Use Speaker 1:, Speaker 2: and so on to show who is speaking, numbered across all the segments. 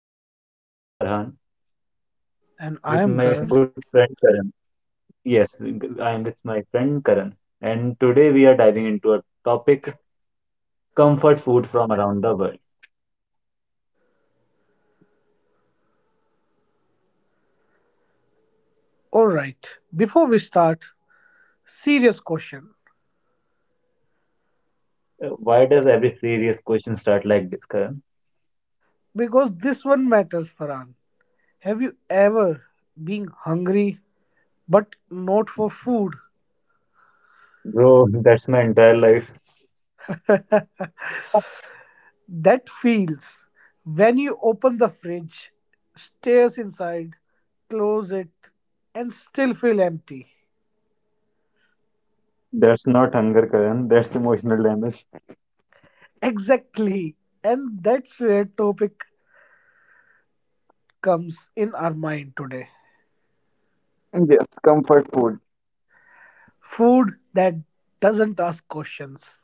Speaker 1: podcast. I am Farhan
Speaker 2: And I
Speaker 1: with
Speaker 2: am
Speaker 1: my good
Speaker 2: Karan.
Speaker 1: friend Karan. Yes, I am with my friend Karan, and today we are diving into a topic comfort food from around the world.
Speaker 2: Alright, before we start, serious question.
Speaker 1: Why does every serious question start like this, Karan?
Speaker 2: Because this one matters, Farhan. Have you ever been hungry but not for food?
Speaker 1: Bro, that's my entire life.
Speaker 2: That feels when you open the fridge, stares inside, close it, and still feel empty.
Speaker 1: That's not hunger, Karan. That's emotional damage.
Speaker 2: Exactly. And that's where topic comes in our mind today.
Speaker 1: Yes, comfort food.
Speaker 2: Food that doesn't ask questions.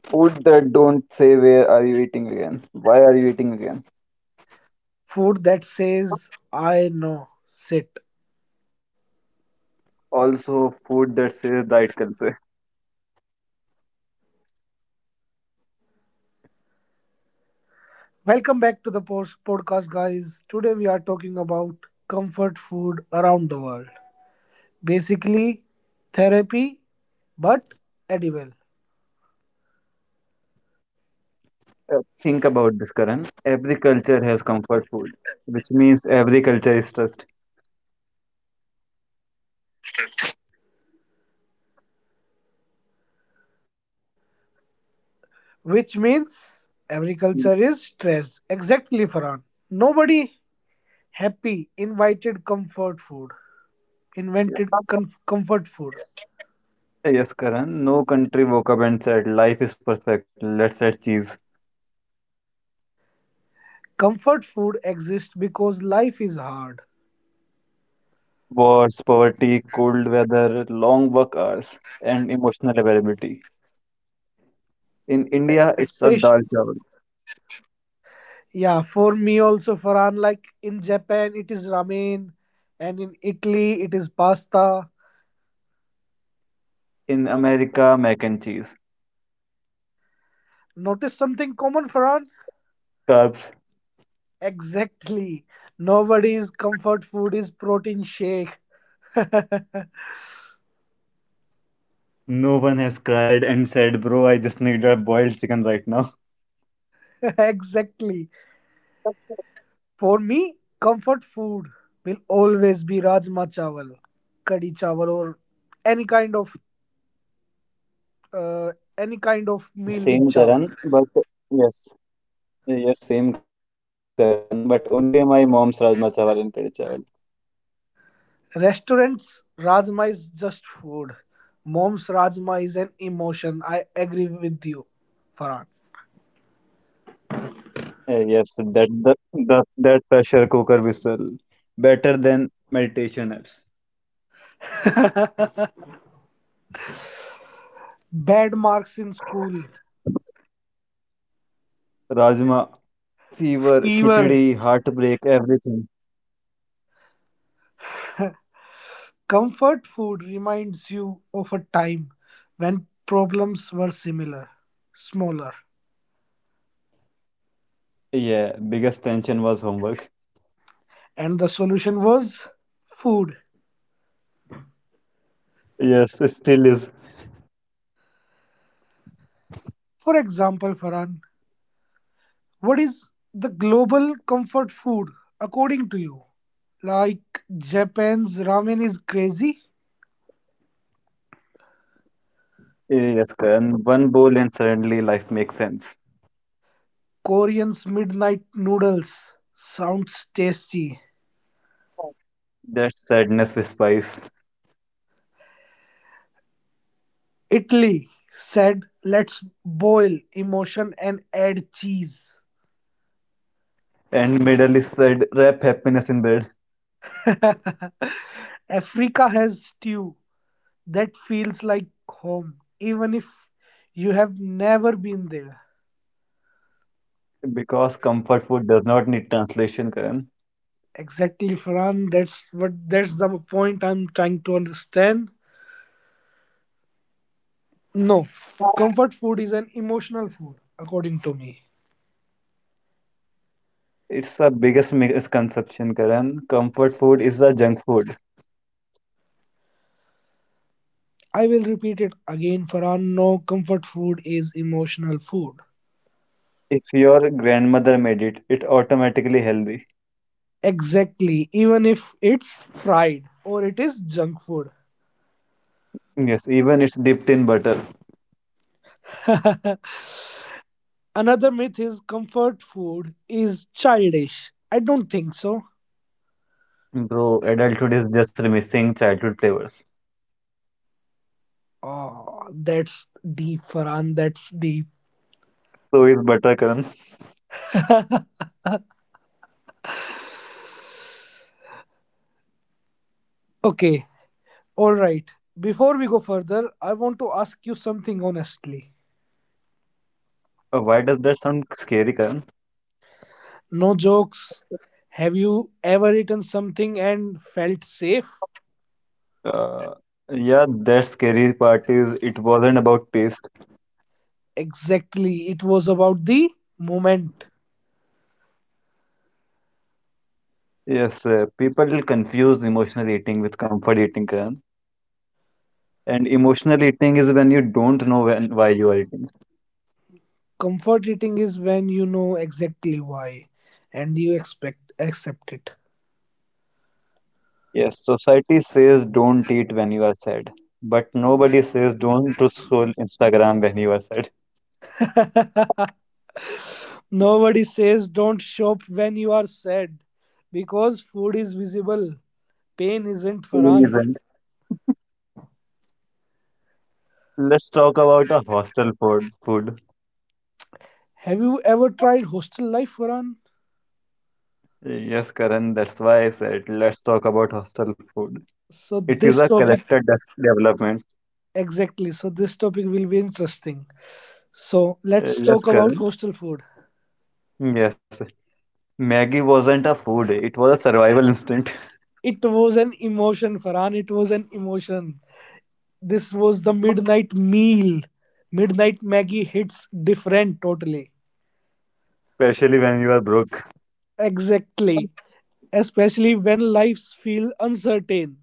Speaker 1: Food that don't say where are you eating again? Why are you eating again?
Speaker 2: Food that says I know, sit.
Speaker 1: Also, food that says diet culture.
Speaker 2: Welcome back to the post podcast guys, today we are talking about comfort food around the world, basically therapy but edible,
Speaker 1: Think about this, Karan. Every culture has comfort food, which means every culture is trust.
Speaker 2: which means every
Speaker 1: Mm,
Speaker 2: culture is stressed. Exactly, Farhan. Nobody happy invited comfort food,
Speaker 1: Yes.
Speaker 2: invented comfort food.
Speaker 1: Yes, Karan. No country woke up and said, Life is perfect, let's add cheese.
Speaker 2: Comfort food exists because life is hard,
Speaker 1: Wars, poverty, cold weather, long work hours, and emotional availability. In India, it's a
Speaker 2: especially.
Speaker 1: dal chawal.
Speaker 2: Yeah, for me also, Farhan, like in Japan, it is ramen, and in Italy, it is pasta.
Speaker 1: In America, mac and cheese.
Speaker 2: Notice something common, Farhan?
Speaker 1: Carbs.
Speaker 2: Exactly. Nobody's comfort food is protein shake.
Speaker 1: No one has cried and said, Bro, I just need a boiled chicken right now.
Speaker 2: Exactly. For me, comfort food will always be rajma chawal, kadi chawal, or any kind of uh, any kind
Speaker 1: Same,
Speaker 2: of
Speaker 1: Karan,
Speaker 2: meal with
Speaker 1: but
Speaker 2: chawal.
Speaker 1: yes. Yes, same Karan, but only my mom's rajma chawal and kadi chawal.
Speaker 2: Restaurants, Rajma is just food. Mom's Rajma is an emotion. I agree with you, Farhan.
Speaker 1: Yes, that that that that pressure cooker whistle, better than meditation apps.
Speaker 2: Bad marks in school,
Speaker 1: Rajma, fever, khichdi,
Speaker 2: fever,
Speaker 1: heartbreak, everything.
Speaker 2: comfort food reminds you of a time when problems were similar, smaller,
Speaker 1: Yeah, biggest tension was homework.
Speaker 2: and the solution was food.
Speaker 1: Yes, it still is.
Speaker 2: For example, Farhan, what is the global comfort food according to you? Like Japan's ramen is crazy?
Speaker 1: Yes, Karan, one bowl and suddenly life makes sense.
Speaker 2: Korean's midnight noodles sounds tasty.
Speaker 1: That's sadness with spice.
Speaker 2: Italy said, let's boil emotion and add cheese.
Speaker 1: And middle is said, wrap happiness in bed
Speaker 2: Africa has stew that feels like home, even if you have never been there.
Speaker 1: because comfort food does not need translation, Karan.
Speaker 2: Exactly, Farhan. That's the point I'm trying to understand. No, comfort food is an emotional food, according to me.
Speaker 1: It's a biggest misconception, Karan. Comfort food is a junk food.
Speaker 2: I will repeat it again, Farhan. No, comfort food is emotional food.
Speaker 1: If your grandmother made it, it automatically healthy.
Speaker 2: Exactly, even if it's fried or it is junk food.
Speaker 1: Yes, even it's dipped in butter.
Speaker 2: Another myth is comfort food is childish. I don't think so.
Speaker 1: Bro, adulthood is just missing childhood flavors.
Speaker 2: Oh, that's deep, Farhan. That's deep.
Speaker 1: So is butter, Karan.
Speaker 2: Okay, all right. Before we go further, I want to ask you something honestly.
Speaker 1: Why does that sound scary, Karan?
Speaker 2: No jokes. Have you ever eaten something and felt safe?
Speaker 1: Uh, yeah, that scary part is it wasn't about taste.
Speaker 2: Exactly. It was about the moment.
Speaker 1: Yes, people will confuse emotional eating with comfort eating, Karan. And emotional eating is when you don't know when why you are eating.
Speaker 2: Comfort eating is when you know exactly why and you expect accept it.
Speaker 1: Yes, society says don't eat when you are sad, but nobody says don't to scroll Instagram when you are sad.
Speaker 2: Nobody says don't shop when you are sad because food is visible. Pain isn't, Farhan.
Speaker 1: Even. Let's talk about a hostel food. Food.
Speaker 2: Have you ever tried hostel life, Farhan?
Speaker 1: Yes, Karan, that's why I said let's talk about hostel food.
Speaker 2: So
Speaker 1: It is
Speaker 2: this
Speaker 1: a
Speaker 2: topic
Speaker 1: character development.
Speaker 2: Exactly. So this topic will be interesting. So
Speaker 1: Uh,
Speaker 2: let's
Speaker 1: Yes,
Speaker 2: talk about
Speaker 1: Karan.
Speaker 2: hostel food.
Speaker 1: Yes. Maggie wasn't a food, it was a survival instinct,
Speaker 2: It was an emotion, Farhan. It was an emotion. This was the midnight meal. Midnight Maggie hits different totally.
Speaker 1: especially when you are broke.
Speaker 2: Exactly. Especially when lives feel uncertain.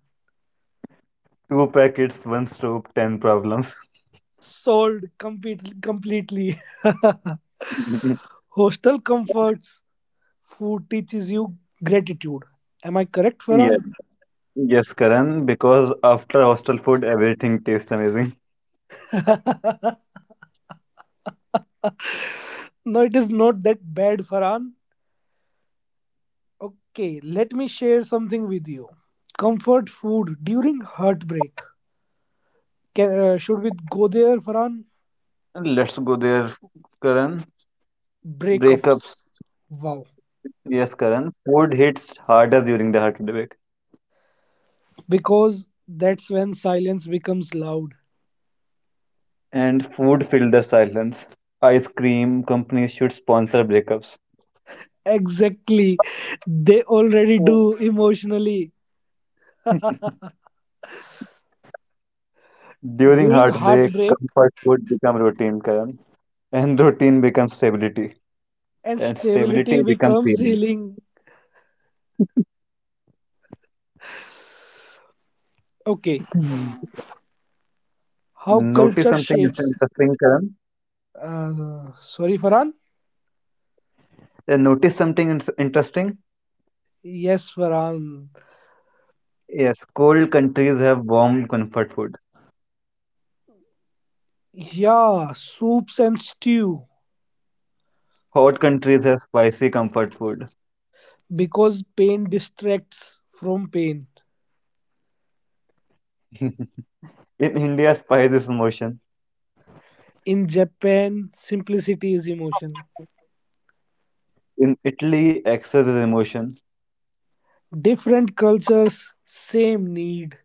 Speaker 1: Two packets, one stove, ten problems.
Speaker 2: Completely. Hostel comforts. Food teaches you gratitude. Am I correct,
Speaker 1: Yes.
Speaker 2: Farhan?
Speaker 1: Yes, Karan, because after hostel food, everything tastes amazing.
Speaker 2: No, it is not that bad, Farhan. Okay, let me share something with you. Comfort food during heartbreak. Can, should we go there, Farhan?
Speaker 1: Let's go there, Karan.
Speaker 2: Breakups.
Speaker 1: Breakups.
Speaker 2: Wow.
Speaker 1: Yes, Karan. Food hits harder during the heartbreak,
Speaker 2: Because that's when silence becomes loud.
Speaker 1: and food fills the silence. Ice cream companies should sponsor breakups.
Speaker 2: Exactly. They already
Speaker 1: Oh.
Speaker 2: do emotionally.
Speaker 1: During
Speaker 2: During
Speaker 1: heartbreak,
Speaker 2: heartbreak,
Speaker 1: comfort food become routine, Karan, and routine becomes stability,
Speaker 2: and
Speaker 1: and stability
Speaker 2: stability
Speaker 1: becomes
Speaker 2: becomes
Speaker 1: healing.
Speaker 2: healing. Okay.
Speaker 1: Hmm.
Speaker 2: How
Speaker 1: Notice
Speaker 2: culture
Speaker 1: something
Speaker 2: shapes.
Speaker 1: interesting, Karan.
Speaker 2: Sorry, Farhan?
Speaker 1: Notice something interesting.
Speaker 2: Yes, Farhan.
Speaker 1: Yes, cold countries have warm comfort food.
Speaker 2: Yeah, soups and stew.
Speaker 1: Hot countries have spicy comfort food.
Speaker 2: Because pain distracts from pain.
Speaker 1: In India, spice is emotion.
Speaker 2: In Japan, simplicity is emotion.
Speaker 1: In Italy, excess is emotion.
Speaker 2: Different cultures, same need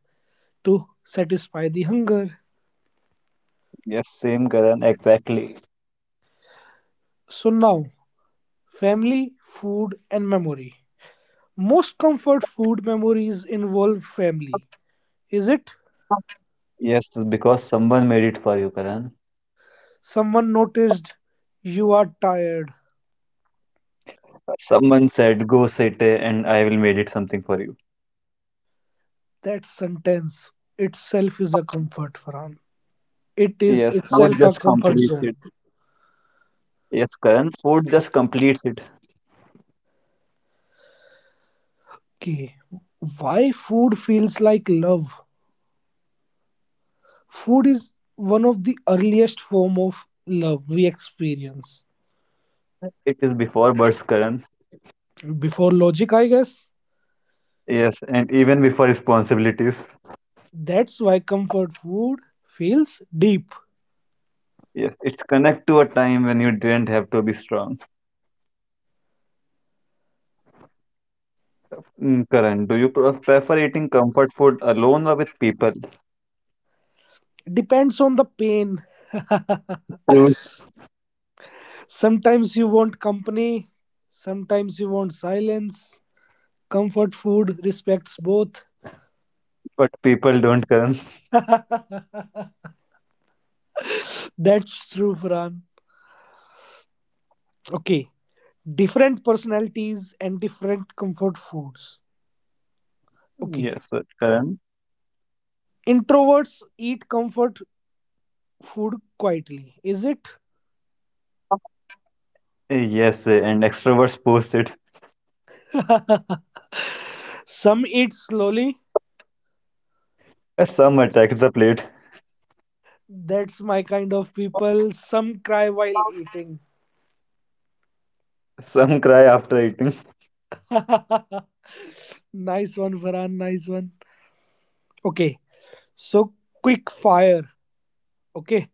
Speaker 2: to satisfy the hunger.
Speaker 1: Yes, same Karan, exactly.
Speaker 2: So now, family, food, and memory. Most comfort food memories involve family. Is it?
Speaker 1: Yes, because someone made it for you, Karan.
Speaker 2: Someone noticed you are tired.
Speaker 1: Someone said, go sit here and I will made it something for you.
Speaker 2: That sentence itself is a comfort, Farhan. It is
Speaker 1: Yes, food
Speaker 2: itself a
Speaker 1: just
Speaker 2: comfort
Speaker 1: completes
Speaker 2: zone.
Speaker 1: it. Yes, Karan, food just completes it.
Speaker 2: Okay, why food feels like love? Food is one of the earliest form of love we experience.
Speaker 1: It is before birth, Karan.
Speaker 2: Before logic, I guess.
Speaker 1: Yes, and even before responsibilities.
Speaker 2: That's why comfort food feels deep.
Speaker 1: Yes, it's connect to a time when you didn't have to be strong. Karan, do you prefer eating comfort food alone or with people?
Speaker 2: Depends on the pain.
Speaker 1: Truth,
Speaker 2: Sometimes you want company, sometimes you want silence. Comfort food respects both.
Speaker 1: but people don't, Karan.
Speaker 2: That's true, Fran. Okay, different personalities and different comfort foods. Okay,
Speaker 1: Yes, sir, Karan.
Speaker 2: introverts eat comfort food quietly, is it?
Speaker 1: Yes, and extroverts post it.
Speaker 2: Some eat slowly.
Speaker 1: Some attack the plate.
Speaker 2: That's my kind of people. Some cry while eating.
Speaker 1: Some cry after eating.
Speaker 2: Nice one, Farhan. Nice one. Okay. So, quick fire. Okay.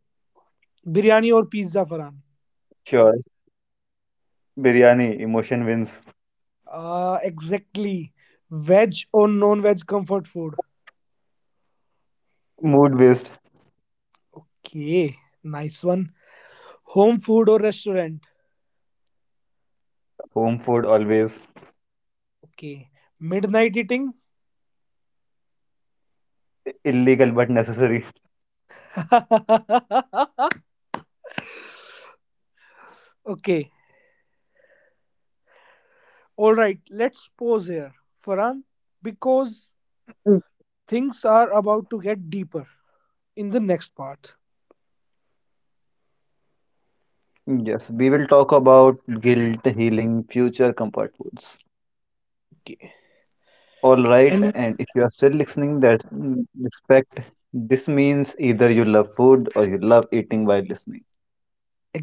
Speaker 2: Biryani or pizza, Farhan?
Speaker 1: Sure. Biryani, emotion wins.
Speaker 2: Exactly. Veg or non veg comfort food?
Speaker 1: Mood based.
Speaker 2: Okay. Nice one. Home food or restaurant?
Speaker 1: Home food always.
Speaker 2: Okay. Midnight eating?
Speaker 1: Illegal but necessary.
Speaker 2: Okay. All right. Let's pause here, Farhan, because things
Speaker 1: Mm.
Speaker 2: are about to get deeper in the next part.
Speaker 1: Yes, we will talk about guilt, healing, future comfort foods.
Speaker 2: Okay.
Speaker 1: All right,
Speaker 2: And
Speaker 1: and if you are still listening, that respect. This means either you love food or you love eating while listening,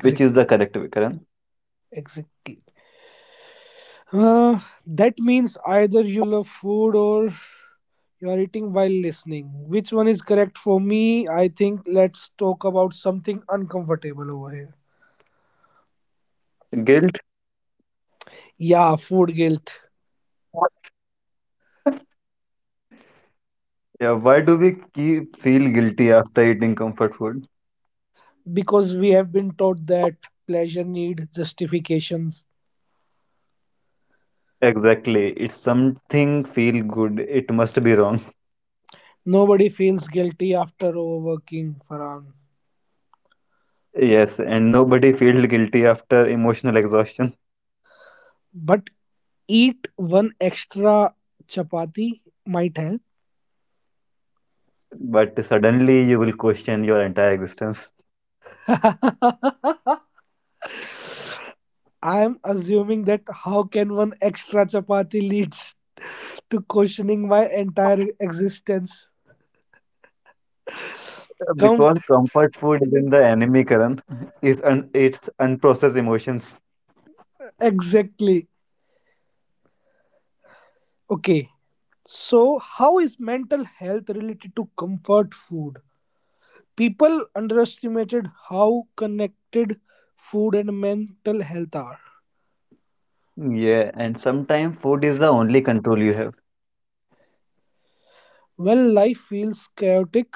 Speaker 1: which is the correct way, Karan.
Speaker 2: exactly. Uh, that means either you love food or you are eating while listening. Which one is correct for me? I think let's talk about something uncomfortable over here.
Speaker 1: Guilt.
Speaker 2: Yeah, food guilt.
Speaker 1: Yeah, why do we keep feel guilty after eating comfort food?
Speaker 2: Because we have been taught that pleasure need justifications.
Speaker 1: Exactly. It's something feel good. It must be wrong.
Speaker 2: Nobody feels guilty after overworking, Farhan.
Speaker 1: Yes, and nobody feels guilty after emotional exhaustion,
Speaker 2: But eat one extra chapati might help.
Speaker 1: but suddenly you will question your entire existence.
Speaker 2: I'm assuming that how can one extra chapati leads to questioning my entire existence? Come
Speaker 1: Because comfort food isn't the enemy, Karan. It's unprocessed emotions.
Speaker 2: exactly. Okay. So, how is mental health related to comfort food? People underestimated how connected food and mental health are.
Speaker 1: Yeah, and sometimes food is the only control you have.
Speaker 2: When life feels chaotic,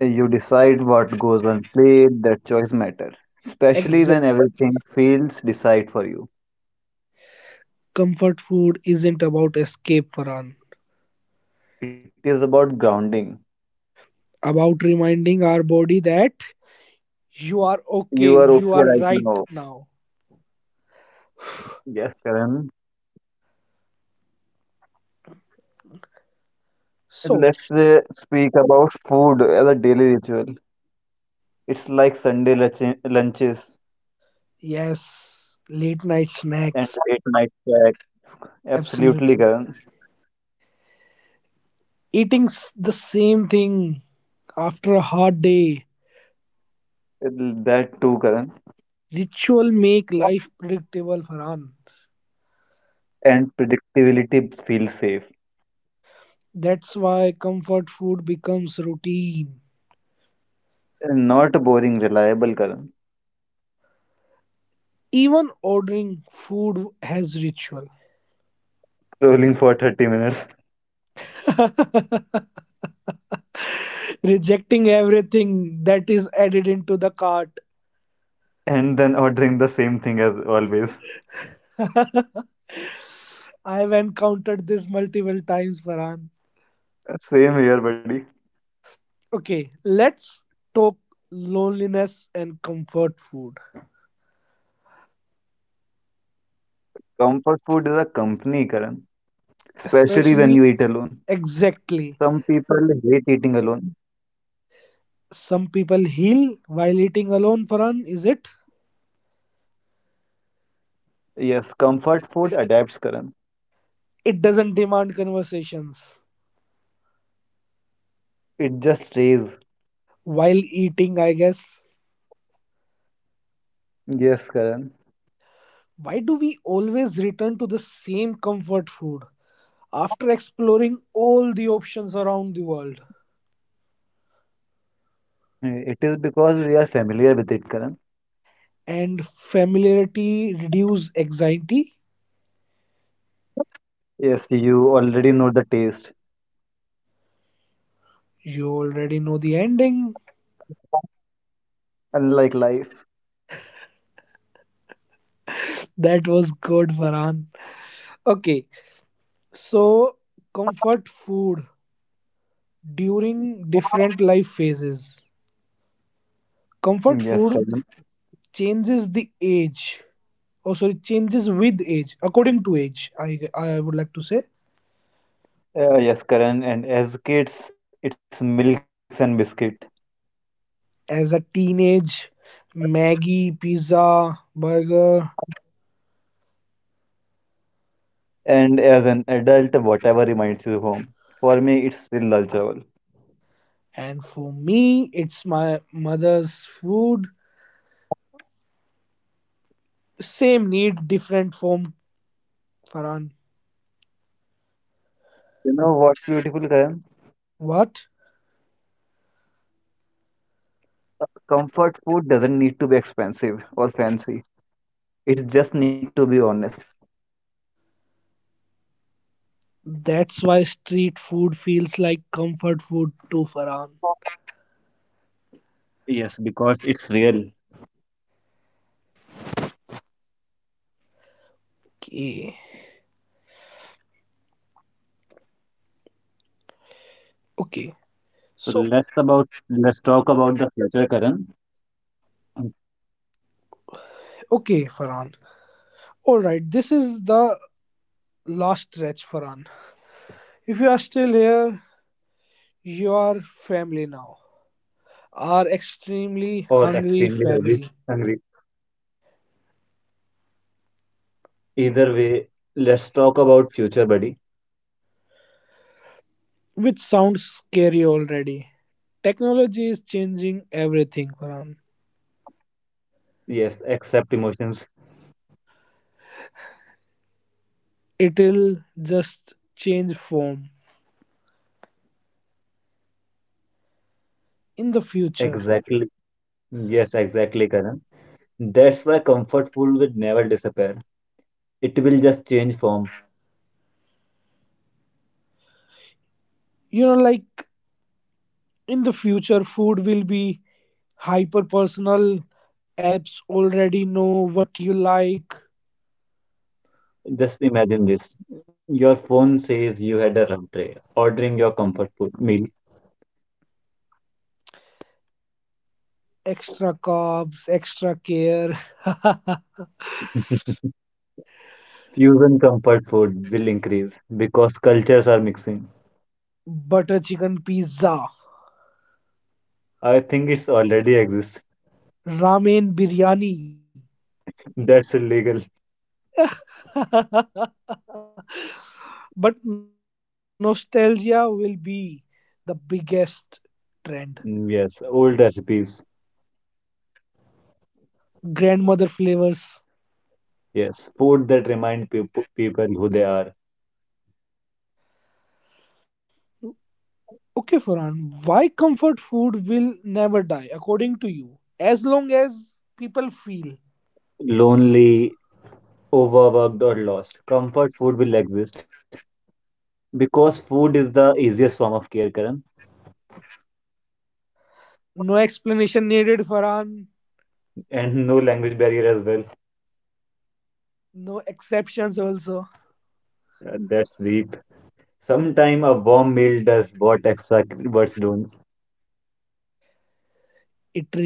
Speaker 1: You decide what goes on plate, that choice matter. Especially
Speaker 2: exit.
Speaker 1: when everything feels decide for you.
Speaker 2: Comfort food isn't about escape, Faran.
Speaker 1: It is about grounding.
Speaker 2: About reminding our body that you are
Speaker 1: You
Speaker 2: okay.
Speaker 1: are
Speaker 2: You
Speaker 1: okay
Speaker 2: are
Speaker 1: right
Speaker 2: right
Speaker 1: now.
Speaker 2: now.
Speaker 1: Yes, Karan.
Speaker 2: So,
Speaker 1: Let's speak about food as a daily ritual. It's like Sunday lunches
Speaker 2: yes, late night
Speaker 1: and
Speaker 2: snacks.
Speaker 1: late night snack. Absolutely,
Speaker 2: Absolutely.
Speaker 1: Karan.
Speaker 2: Eating the same thing after a hard day.
Speaker 1: That too, Karan.
Speaker 2: Ritual make life predictable, Farhan.
Speaker 1: And predictability feels safe.
Speaker 2: That's why comfort food becomes routine.
Speaker 1: Not boring, reliable, Karan.
Speaker 2: Even ordering food has ritual.
Speaker 1: Scrolling for 30 minutes
Speaker 2: Rejecting everything that is added into the cart.
Speaker 1: and then ordering the same thing as always.
Speaker 2: I've encountered this multiple times, Farhan.
Speaker 1: Same here, buddy.
Speaker 2: Okay, let's talk loneliness and comfort food.
Speaker 1: Comfort food is a company, Karan. Especially when you
Speaker 2: Especially,
Speaker 1: eat alone.
Speaker 2: exactly.
Speaker 1: Some people hate eating alone.
Speaker 2: Some people heal while eating alone, Farhan, is it?
Speaker 1: Yes, comfort food adapts, Karan.
Speaker 2: It doesn't demand conversations.
Speaker 1: It just stays.
Speaker 2: While eating, I guess.
Speaker 1: Yes, Karan.
Speaker 2: Why do we always return to the same comfort food after exploring all the options around the world?
Speaker 1: It is because we are familiar with it, Karan.
Speaker 2: And familiarity reduce anxiety?
Speaker 1: Yes, you already know the taste.
Speaker 2: You already know the ending.
Speaker 1: Unlike life.
Speaker 2: That was good, Varan. Okay, so comfort food during different life phases. Comfort food
Speaker 1: Yes, Karan.
Speaker 2: changes the age, or sorry, changes with age, according to age. I would like to say,
Speaker 1: Yes, Karan. And as kids, it's milks and biscuit.
Speaker 2: as a teenage, Maggie, pizza, burger,
Speaker 1: And as an adult, whatever reminds you of home. For me, it's still lunchable.
Speaker 2: and for me, it's my mother's food. Same need, different form, Faran.
Speaker 1: You know what's beautiful, Karan?
Speaker 2: What?
Speaker 1: Comfort food doesn't need to be expensive or fancy. It just need to be honest.
Speaker 2: That's why street food feels like comfort food to Farhan.
Speaker 1: Yes, because it's real.
Speaker 2: Okay. Okay.
Speaker 1: So
Speaker 2: So,
Speaker 1: let's about let's talk about the future, Karan,
Speaker 2: okay, Farhan. All right. This is the last stretch, Farhan. If you are still here, you are family now. Our extremely
Speaker 1: or extremely
Speaker 2: hungry
Speaker 1: hungry.
Speaker 2: family.
Speaker 1: Hungry. Either way, let's talk about future, buddy.
Speaker 2: Which sounds scary already. Technology is changing everything, Farhan.
Speaker 1: Yes, accept emotions.
Speaker 2: It'll just change form in the future.
Speaker 1: Exactly. Yes, exactly, Karan. That's why comfort food will never disappear. It will just change form.
Speaker 2: You know, like in the future food will be hyper personal, apps already know what you like,
Speaker 1: Just imagine this. Your phone says you had a rough day, ordering your comfort food meal.
Speaker 2: extra carbs extra care.
Speaker 1: Fusion comfort food will increase because cultures are mixing.
Speaker 2: Butter chicken pizza,
Speaker 1: I think it's already exists.
Speaker 2: ramen biryani.
Speaker 1: That's illegal.
Speaker 2: But nostalgia will be the biggest trend,
Speaker 1: Yes, old recipes.
Speaker 2: grandmother flavors.
Speaker 1: Yes, food that remind people who they are
Speaker 2: Okay Farhan, why comfort food will never die according to you? As long as people feel,
Speaker 1: lonely, overworked, or lost. Comfort food will exist because food is the easiest form of care, Karan.
Speaker 2: no explanation needed, Farhan.
Speaker 1: And no language barrier as well.
Speaker 2: No exceptions, also.
Speaker 1: That's deep. Sometime a warm meal does what extra words don't.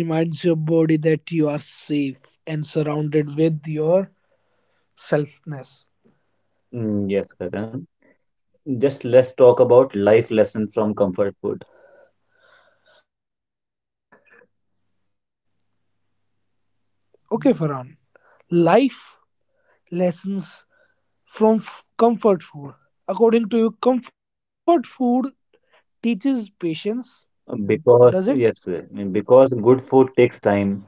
Speaker 2: It reminds your body that you are safe and surrounded with your selfness.
Speaker 1: Mm, yes, Karan. Just let's talk about life lessons from comfort food. Uh,
Speaker 2: Okay, Farhan. Life lessons from comfort food. According to you, comfort food teaches patience, does it?
Speaker 1: Because, yes, because good food takes time.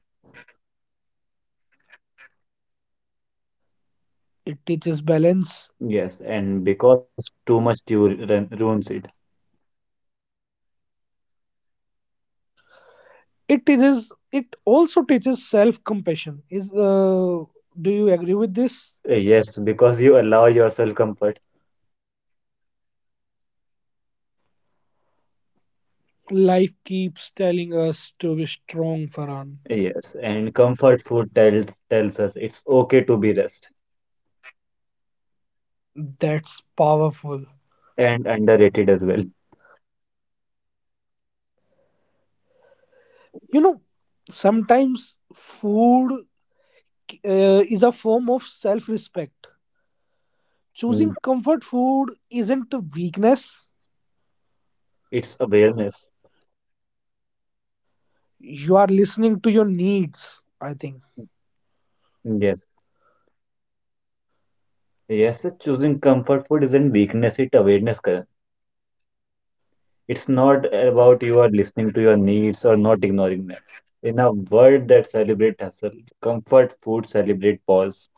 Speaker 2: It teaches balance.
Speaker 1: Yes, and because too much you ruins it.
Speaker 2: It teaches. It also teaches self-compassion. Is, do you agree with this?
Speaker 1: Yes, because you allow yourself comfort.
Speaker 2: Life keeps telling us to be strong, Farhan.
Speaker 1: Yes, and comfort food tells us it's okay to be rest
Speaker 2: That's powerful.
Speaker 1: and underrated as well.
Speaker 2: You know, sometimes food is a form of self respect. Choosing
Speaker 1: Mm,
Speaker 2: comfort food isn't a weakness.
Speaker 1: It's awareness.
Speaker 2: You are listening to your needs, I think.
Speaker 1: Mm, Yes. Yes, choosing comfort food isn't weakness, it's awareness, Karan. It's not about you are listening to your needs or not ignoring them. In a world that celebrates hustle, comfort food celebrate pause.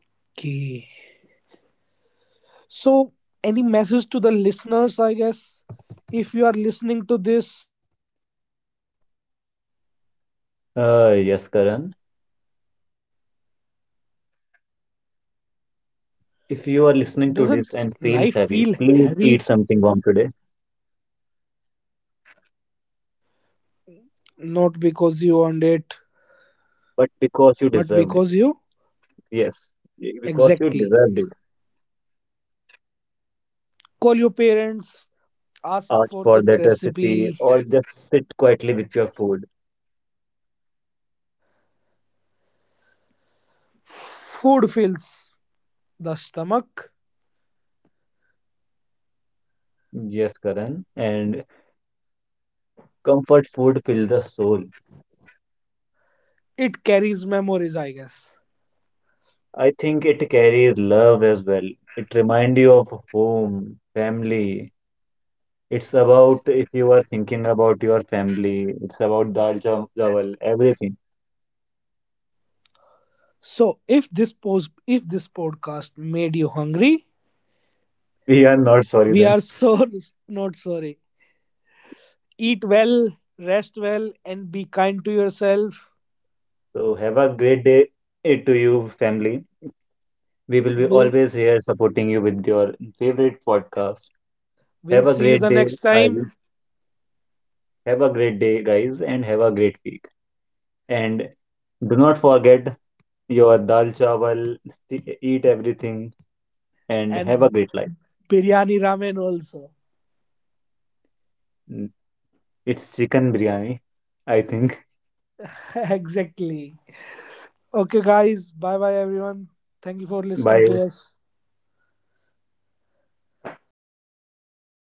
Speaker 2: Okay. So, any message to the listeners, I guess, if you are listening to this,
Speaker 1: Yes, Karan. If you are listening to this and feels heavy,
Speaker 2: doesn't
Speaker 1: please eat
Speaker 2: life feel
Speaker 1: something warm today.
Speaker 2: heavy? Not because you earned it,
Speaker 1: But because you
Speaker 2: but
Speaker 1: deserved it.
Speaker 2: because you
Speaker 1: Yes, because you
Speaker 2: Exactly.
Speaker 1: deserved it.
Speaker 2: Call your parents, ask
Speaker 1: Ask
Speaker 2: for the
Speaker 1: for that recipe
Speaker 2: recipe.
Speaker 1: or just sit quietly with your food.
Speaker 2: Food fills the stomach.
Speaker 1: Yes, Karan. And comfort food fills the soul.
Speaker 2: It carries memories, I guess.
Speaker 1: I think it carries love as well. It reminds you of home, family. It's about if you are thinking about your family, it's about dal chawal, everything.
Speaker 2: So if this podcast made you hungry,
Speaker 1: We are not sorry
Speaker 2: we
Speaker 1: then.
Speaker 2: are so not sorry. Eat well, rest well, and be kind to yourself.
Speaker 1: So have a great day to you, family. We will be
Speaker 2: We'll
Speaker 1: always here supporting you with your favorite podcast.
Speaker 2: we'll
Speaker 1: Have a
Speaker 2: see you the
Speaker 1: great day.
Speaker 2: next
Speaker 1: I
Speaker 2: time.
Speaker 1: will have a great day, guys, and have a great week. And do not forget your dal chawal, eat everything, and have a
Speaker 2: And
Speaker 1: great life.
Speaker 2: biryani ramen also.
Speaker 1: Mm, It's chicken biryani, I think,
Speaker 2: Exactly. Okay guys, bye bye everyone. Thank you for listening to
Speaker 1: by
Speaker 2: us.